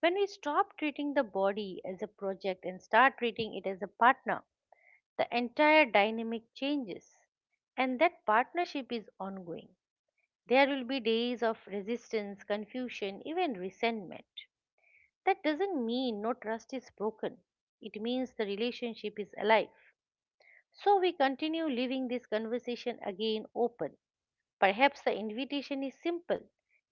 S1: When we stop treating the body as a project and start treating it as a partner, the entire dynamic changes and that partnership is ongoing there will be days of resistance confusion even resentment that doesn't mean no trust is broken it means the relationship is alive so we continue leaving this conversation again open perhaps the invitation is simple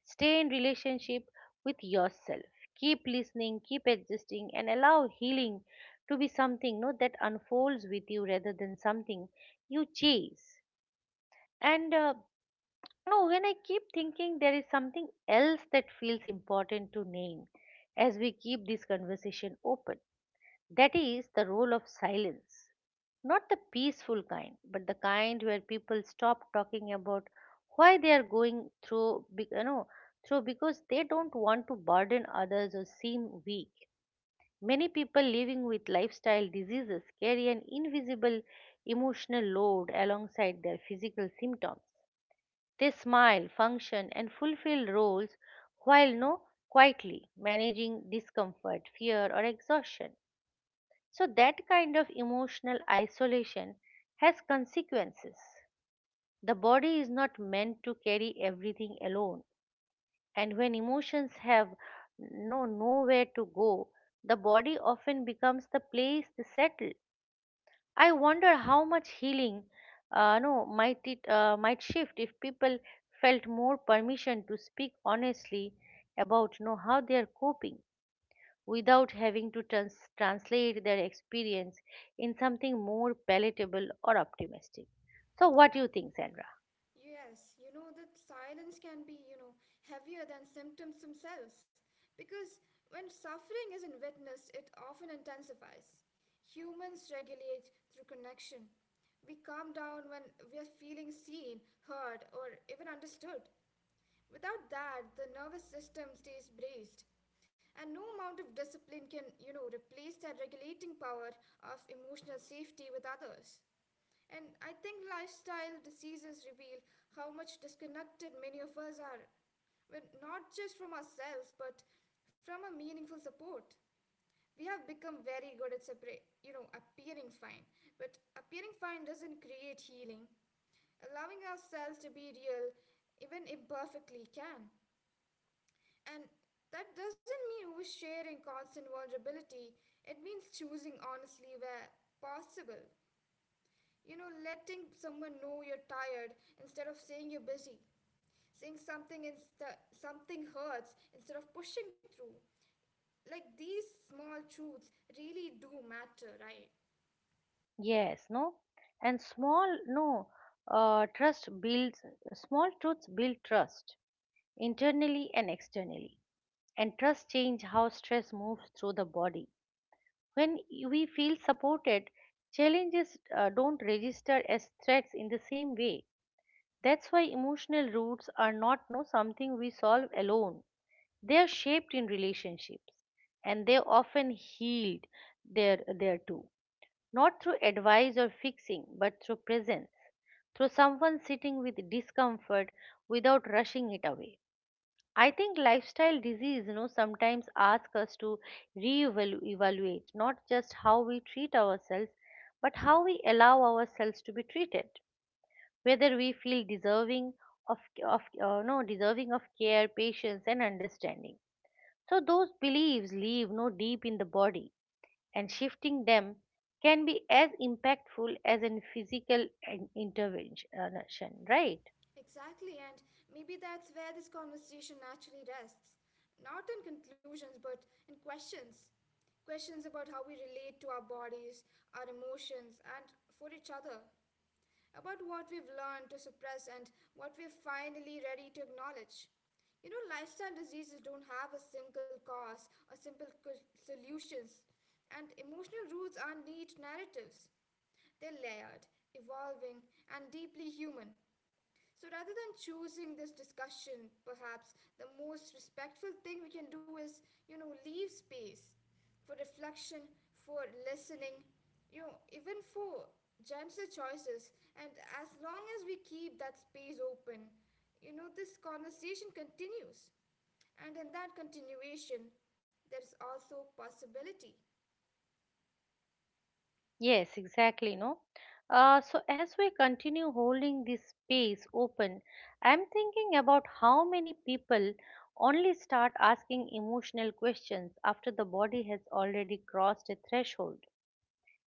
S1: stay in relationship with yourself. Keep listening, keep existing, and allow healing to be something no, that unfolds with you rather than something you chase. And no, when I keep thinking, there is something else that feels important to name as we keep this conversation open. That is the role of silence. Not the peaceful kind, but the kind where people stop talking about why they are going through, through because they don't want to burden others or seem weak. Many people living with lifestyle diseases carry an invisible emotional load alongside their physical symptoms. They smile, function, and fulfill roles while no quietly managing discomfort, fear, or exhaustion. So, that kind of emotional isolation has consequences. The body is not meant to carry everything alone, and when emotions have no nowhere to go, the body often becomes the place they settle. I wonder how much healing, no, might it might shift if people felt more permission to speak honestly about know how they are coping without having to translate their experience in something more palatable or optimistic. So, what do you think, Sandra?
S2: Yes, that silence can be, heavier than symptoms themselves because when suffering isn't witnessed, it often intensifies. Humans regulate through connection. We calm down when we are feeling seen, heard, or even understood. Without that, the nervous system stays braced, and no amount of discipline can, replace that regulating power of emotional safety with others. And I think lifestyle diseases reveal how much disconnected many of us are, when not just from ourselves, but from a meaningful support. We have become very good at separate, appearing fine, but appearing fine doesn't create healing. Allowing ourselves to be real, even imperfectly, can. And that doesn't mean oversharing constant vulnerability. It means choosing honestly where possible. Letting someone know you're tired instead of saying you're busy. Saying something something hurts instead of pushing through. Like these small truths really do matter, right?
S1: Yes, no? And small, no, trust builds, small truths build trust internally and externally. And trust change how stress moves through the body. When we feel supported, challenges don't register as threats in the same way. That's why emotional roots are not no something we solve alone. They are shaped in relationships and they are often healed there too. Not through advice or fixing, but through presence, through someone sitting with discomfort without rushing it away. I think lifestyle disease, you know, sometimes ask us to re-evaluate not just how we treat ourselves, but how we allow ourselves to be treated. Whether we feel deserving of, of no deserving of care, patience, and understanding. So those beliefs leave no deep in the body, and shifting them can be as impactful as a physical intervention, right?
S2: Exactly, and maybe that's where this conversation naturally rests. Not in conclusions, but in questions. Questions about how we relate to our bodies, our emotions, and for each other. About what we've learned to suppress and what we're finally ready to acknowledge. Lifestyle diseases don't have a single cause or simple solutions, and emotional roots are neat narratives. They're layered, evolving, and deeply human. So, rather than choosing this discussion, perhaps the most respectful thing we can do is, leave space for reflection, for listening, even for gentler choices. And as long as we keep that space open, this conversation continues. And in that continuation, there is also possibility.
S1: Yes, exactly. No. So as we continue holding this space open, I'm thinking about how many people only start asking emotional questions after the body has already crossed a threshold.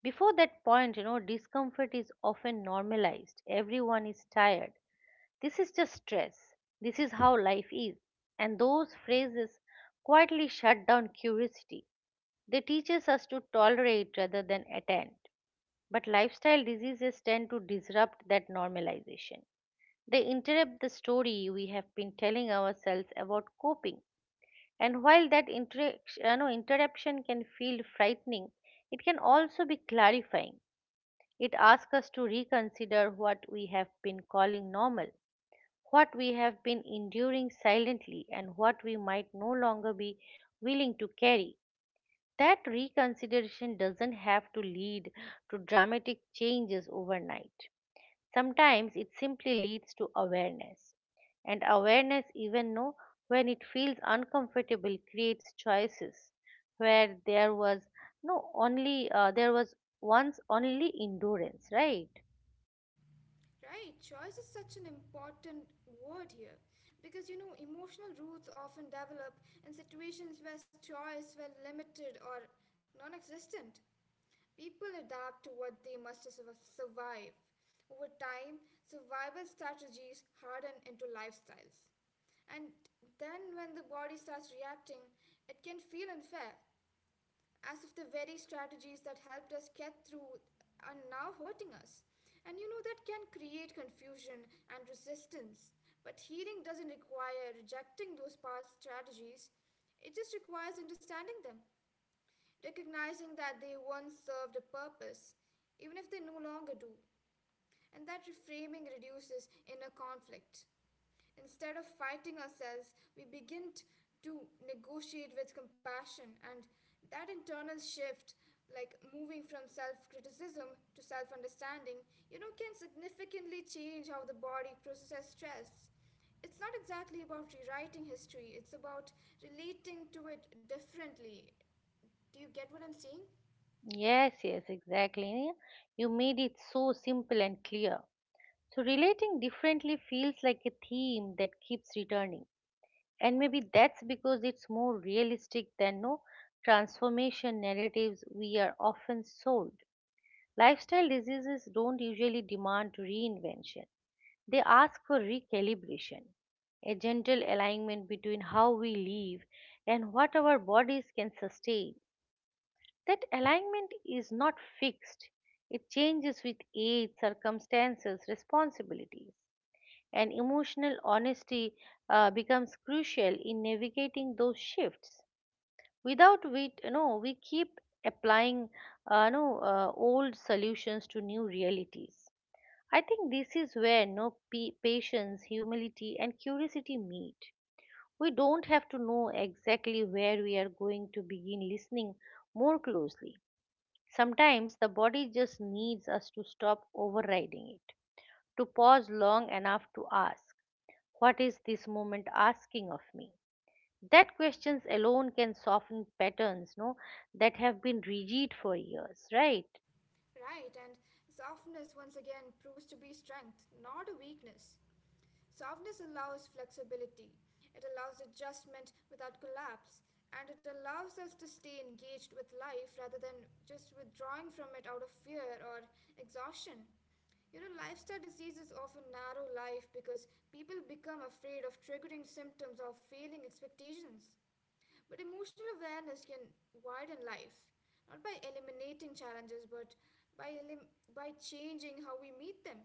S1: Before that point, you know, discomfort is often normalized. Everyone is tired. This is just stress. This is how life is. And those phrases quietly shut down curiosity. They teach us to tolerate rather than attend. But lifestyle diseases tend to disrupt that normalization. They interrupt the story we have been telling ourselves about coping. And while that interaction, you interruption can feel frightening, it can also be clarifying. It asks us to reconsider what we have been calling normal, what we have been enduring silently, and what we might no longer be willing to carry. That reconsideration doesn't have to lead to dramatic changes overnight. Sometimes it simply leads to awareness. And awareness, even though when it feels uncomfortable, creates choices where there was no only there was once only endurance, right?
S2: Right, choice is such an important word here because emotional roots often develop in situations where choice were limited or non existent. People adapt to what they must survive. Over time, survival strategies harden into lifestyles. And then, when the body starts reacting, it can feel unfair as if the very strategies that helped us get through are now hurting us. That can create confusion and resistance. But healing doesn't require rejecting those past strategies, it just requires understanding them, recognizing that they once served a purpose, even if they no longer do. And that reframing reduces inner conflict. Instead of fighting ourselves, we begin to negotiate with compassion, and that internal shift, like moving from self criticism to self understanding, can significantly change how the body processes stress. It's not exactly about rewriting history, it's about relating to it differently. Do you get what I'm saying?
S1: Yes, yes, exactly. You made it so simple and clear. So, relating differently feels like a theme that keeps returning. And maybe that's because it's more realistic than no transformation narratives we are often sold. Lifestyle diseases don't usually demand reinvention, they ask for recalibration, a gentle alignment between how we live and what our bodies can sustain. That alignment is not fixed, it changes with age, circumstances, responsibilities. And emotional honesty becomes crucial in navigating those shifts. Without it, you know, we keep applying no, old solutions to new realities. I think this is where no pa- patience, humility, and curiosity meet. We don't have to know exactly where we are going to begin listening more closely. Sometimes the body just needs us to stop overriding it, to pause long enough to ask, what is this moment asking of me? That questions alone can soften patterns, no, that have been rigid for years, right?
S2: Right, and softness once again proves to be strength, not a weakness. Softness allows flexibility, it allows adjustment without collapse, and it allows us to stay engaged with life rather than just withdrawing from it out of fear or exhaustion. You know, lifestyle diseases often narrow life because people become afraid of triggering symptoms or failing expectations. But emotional awareness can widen life, not by eliminating challenges, but by changing how we meet them.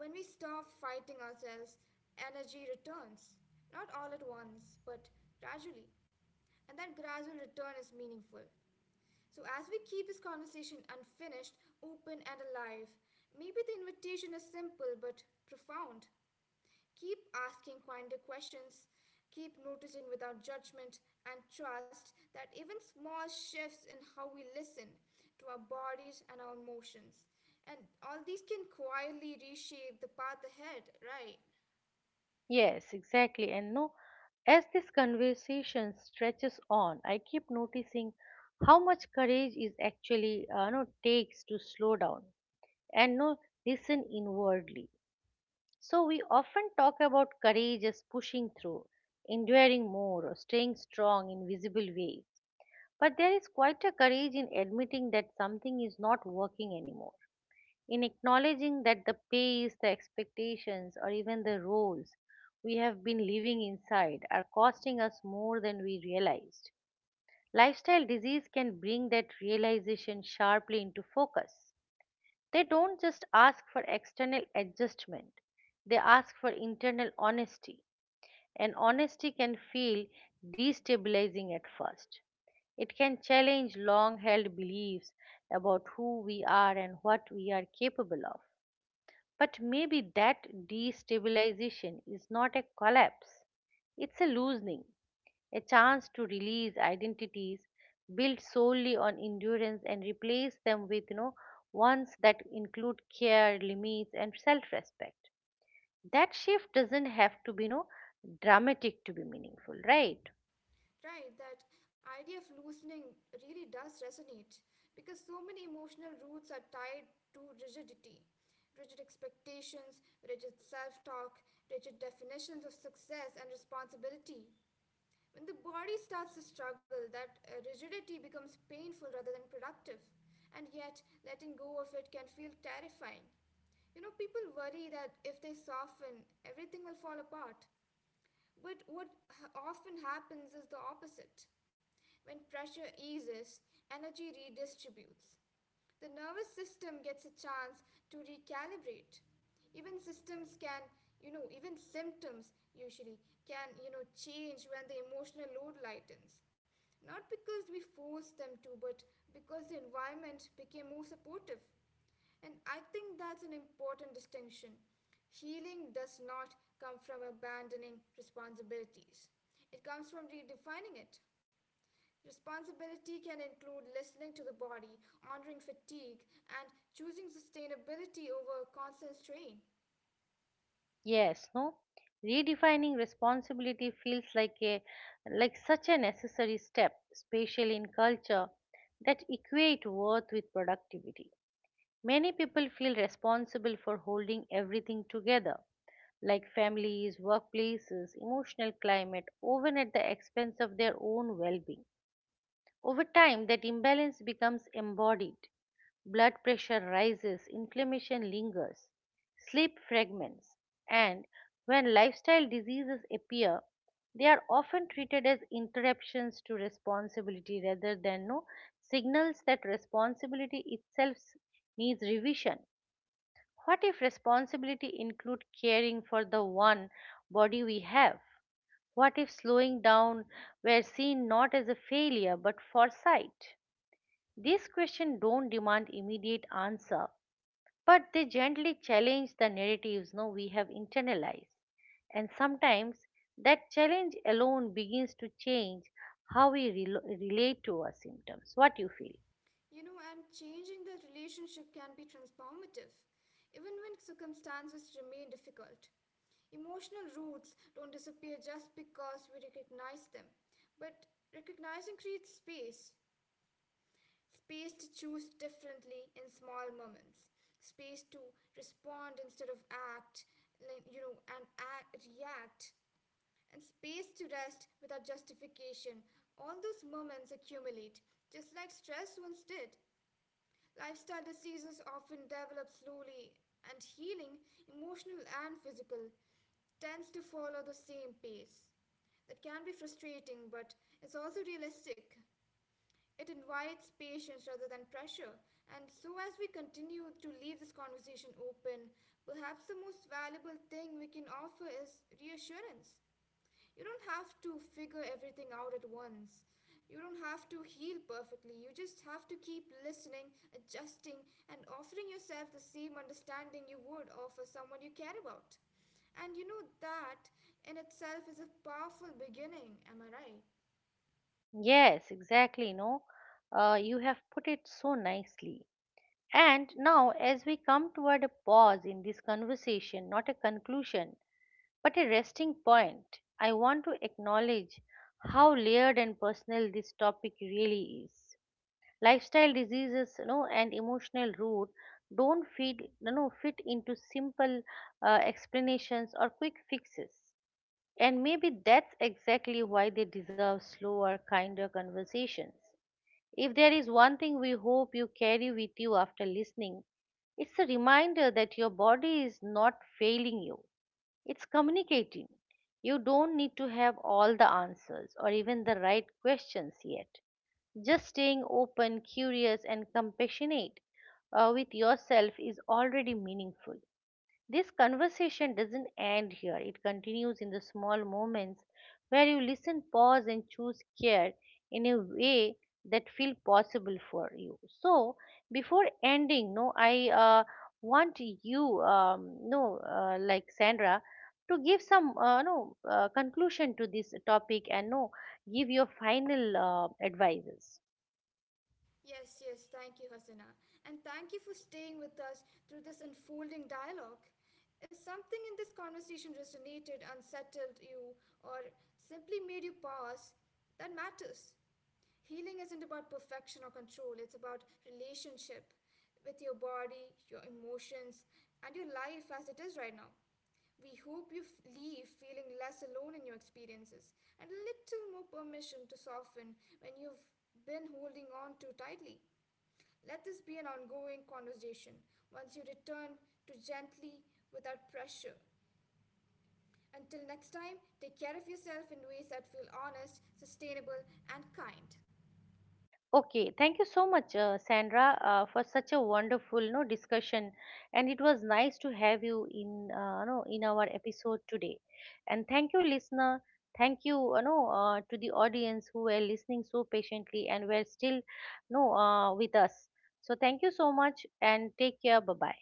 S2: When we stop fighting ourselves, energy returns. Not all at once, but gradually. And that gradual return is meaningful. So, as we keep this conversation unfinished, open, and alive, maybe the invitation is simple but profound. Keep asking kinder questions, keep noticing without judgment, and trust that even small shifts in how we listen to our bodies and our emotions, and all these can quietly reshape the path ahead, right?
S1: Yes, exactly. And no, As this conversation stretches on, I keep noticing how much courage is actually no takes to slow down and no listen inwardly. So we often talk about courage as pushing through, enduring more, or staying strong in visible ways. But there is quite a courage in admitting that something is not working anymore, in acknowledging that the pace, the expectations, or even the roles we have been living inside are costing us more than we realized. Lifestyle disease can bring that realization sharply into focus. They don't just ask for external adjustment, they ask for internal honesty. And honesty can feel destabilizing at first. It can challenge long held beliefs about who we are and what we are capable of. But maybe that destabilization is not a collapse, it's a loosening, a chance to release identities built solely on endurance and replace them with, you know, ones that include care, limits, and self-respect. That shift doesn't have to be, you know, dramatic to be meaningful, right?
S2: Right, that idea of loosening really does resonate because so many emotional roots are tied to rigidity, rigid expectations, rigid self talk, rigid definitions of success and responsibility. When the body starts to struggle, that rigidity becomes painful rather than productive, and yet letting go of it can feel terrifying. You know, people worry that if they soften, everything will fall apart. But often happens is the opposite. When pressure eases, energy redistributes. The nervous system gets a chance to recalibrate. Even systems can, you know, even symptoms usually can, change when the emotional load lightens. Not because we force them to, but because the environment became more supportive. And I think that's an important distinction. Healing does not come from abandoning responsibilities, it comes from redefining it. Responsibility can include listening to the body, honoring fatigue, and choosing sustainability over constant strain.
S1: Yes, no? Redefining responsibility feels like a like such a necessary step, especially in culture that equate worth with productivity. Many people feel responsible for holding everything together, like families, workplaces, emotional climate, often at the expense of their own well being. Over time, that imbalance becomes embodied. Blood pressure rises, inflammation lingers, sleep fragments, and when lifestyle diseases appear, they are often treated as interruptions to responsibility rather than no signals that responsibility itself needs revision. What if responsibility include caring for the one body we have? What if slowing down were seen not as a failure but foresight? These questions don't demand immediate answer, but they gently challenge the narratives no we have internalized. And sometimes that challenge alone begins to change how we relate to our symptoms. What you feel?
S2: You know, and Changing that relationship can be transformative, even when circumstances remain difficult. Emotional roots don't disappear just because we recognize them, but recognizing creates space space to choose differently in small moments, space to respond instead of act, react, and space to rest without justification. All those moments accumulate, just like stress once did. Lifestyle diseases often develop slowly, and healing, emotional and physical, tends to follow the same pace. That can be frustrating, but it's also realistic. It invites patience rather than pressure. And so, as we continue to leave this conversation open, perhaps the most valuable thing we can offer is reassurance. You don't have to figure everything out at once. You don't have to heal perfectly. You just have to keep listening, adjusting, and offering yourself the same understanding you would offer someone you care about. And that in itself is a powerful beginning, am I right?
S1: Yes, exactly. No, You have put it so nicely. And now, as we come toward a pause in this conversation, not a conclusion, but a resting point, I want to acknowledge how layered and personal this topic really is. Lifestyle diseases, you know, and emotional root don't fit, you know, fit into simple explanations or quick fixes. And maybe that's exactly why they deserve slower, kinder conversations. If there is one thing we hope you carry with you after listening, it's a reminder that your body is not failing you, it's communicating. You don't need to have all the answers or even the right questions yet. Just staying open, curious, and compassionate with yourself is already meaningful. This conversation doesn't end here, it continues in the small moments where you listen, pause, and choose care in a way that feel possible for you. So, before ending, no, I want you, no, like Sandra, to give some no conclusion to this topic and no give your final advices.
S2: Yes, yes, thank you, Hasina. And thank you for staying with us through this unfolding dialogue. If something in this conversation resonated, unsettled you, or simply made you pause, that matters. Healing isn't about perfection or control, it's about relationship with your body, your emotions, and your life as it is right now. We hope you leave feeling less alone in your experiences and a little more permission to soften when you've been holding on too tightly. Let this be an ongoing conversation once you return to gently without pressure. Until next time, take care of yourself in ways that feel honest, sustainable, and kind.
S1: Okay, thank you so much, Sandra, for such a wonderful no discussion, and it was nice to have you in no in our episode today. And thank you, listener. Thank you, no, to the audience who were listening so patiently and were still no with us. So thank you so much, and take care. Bye bye.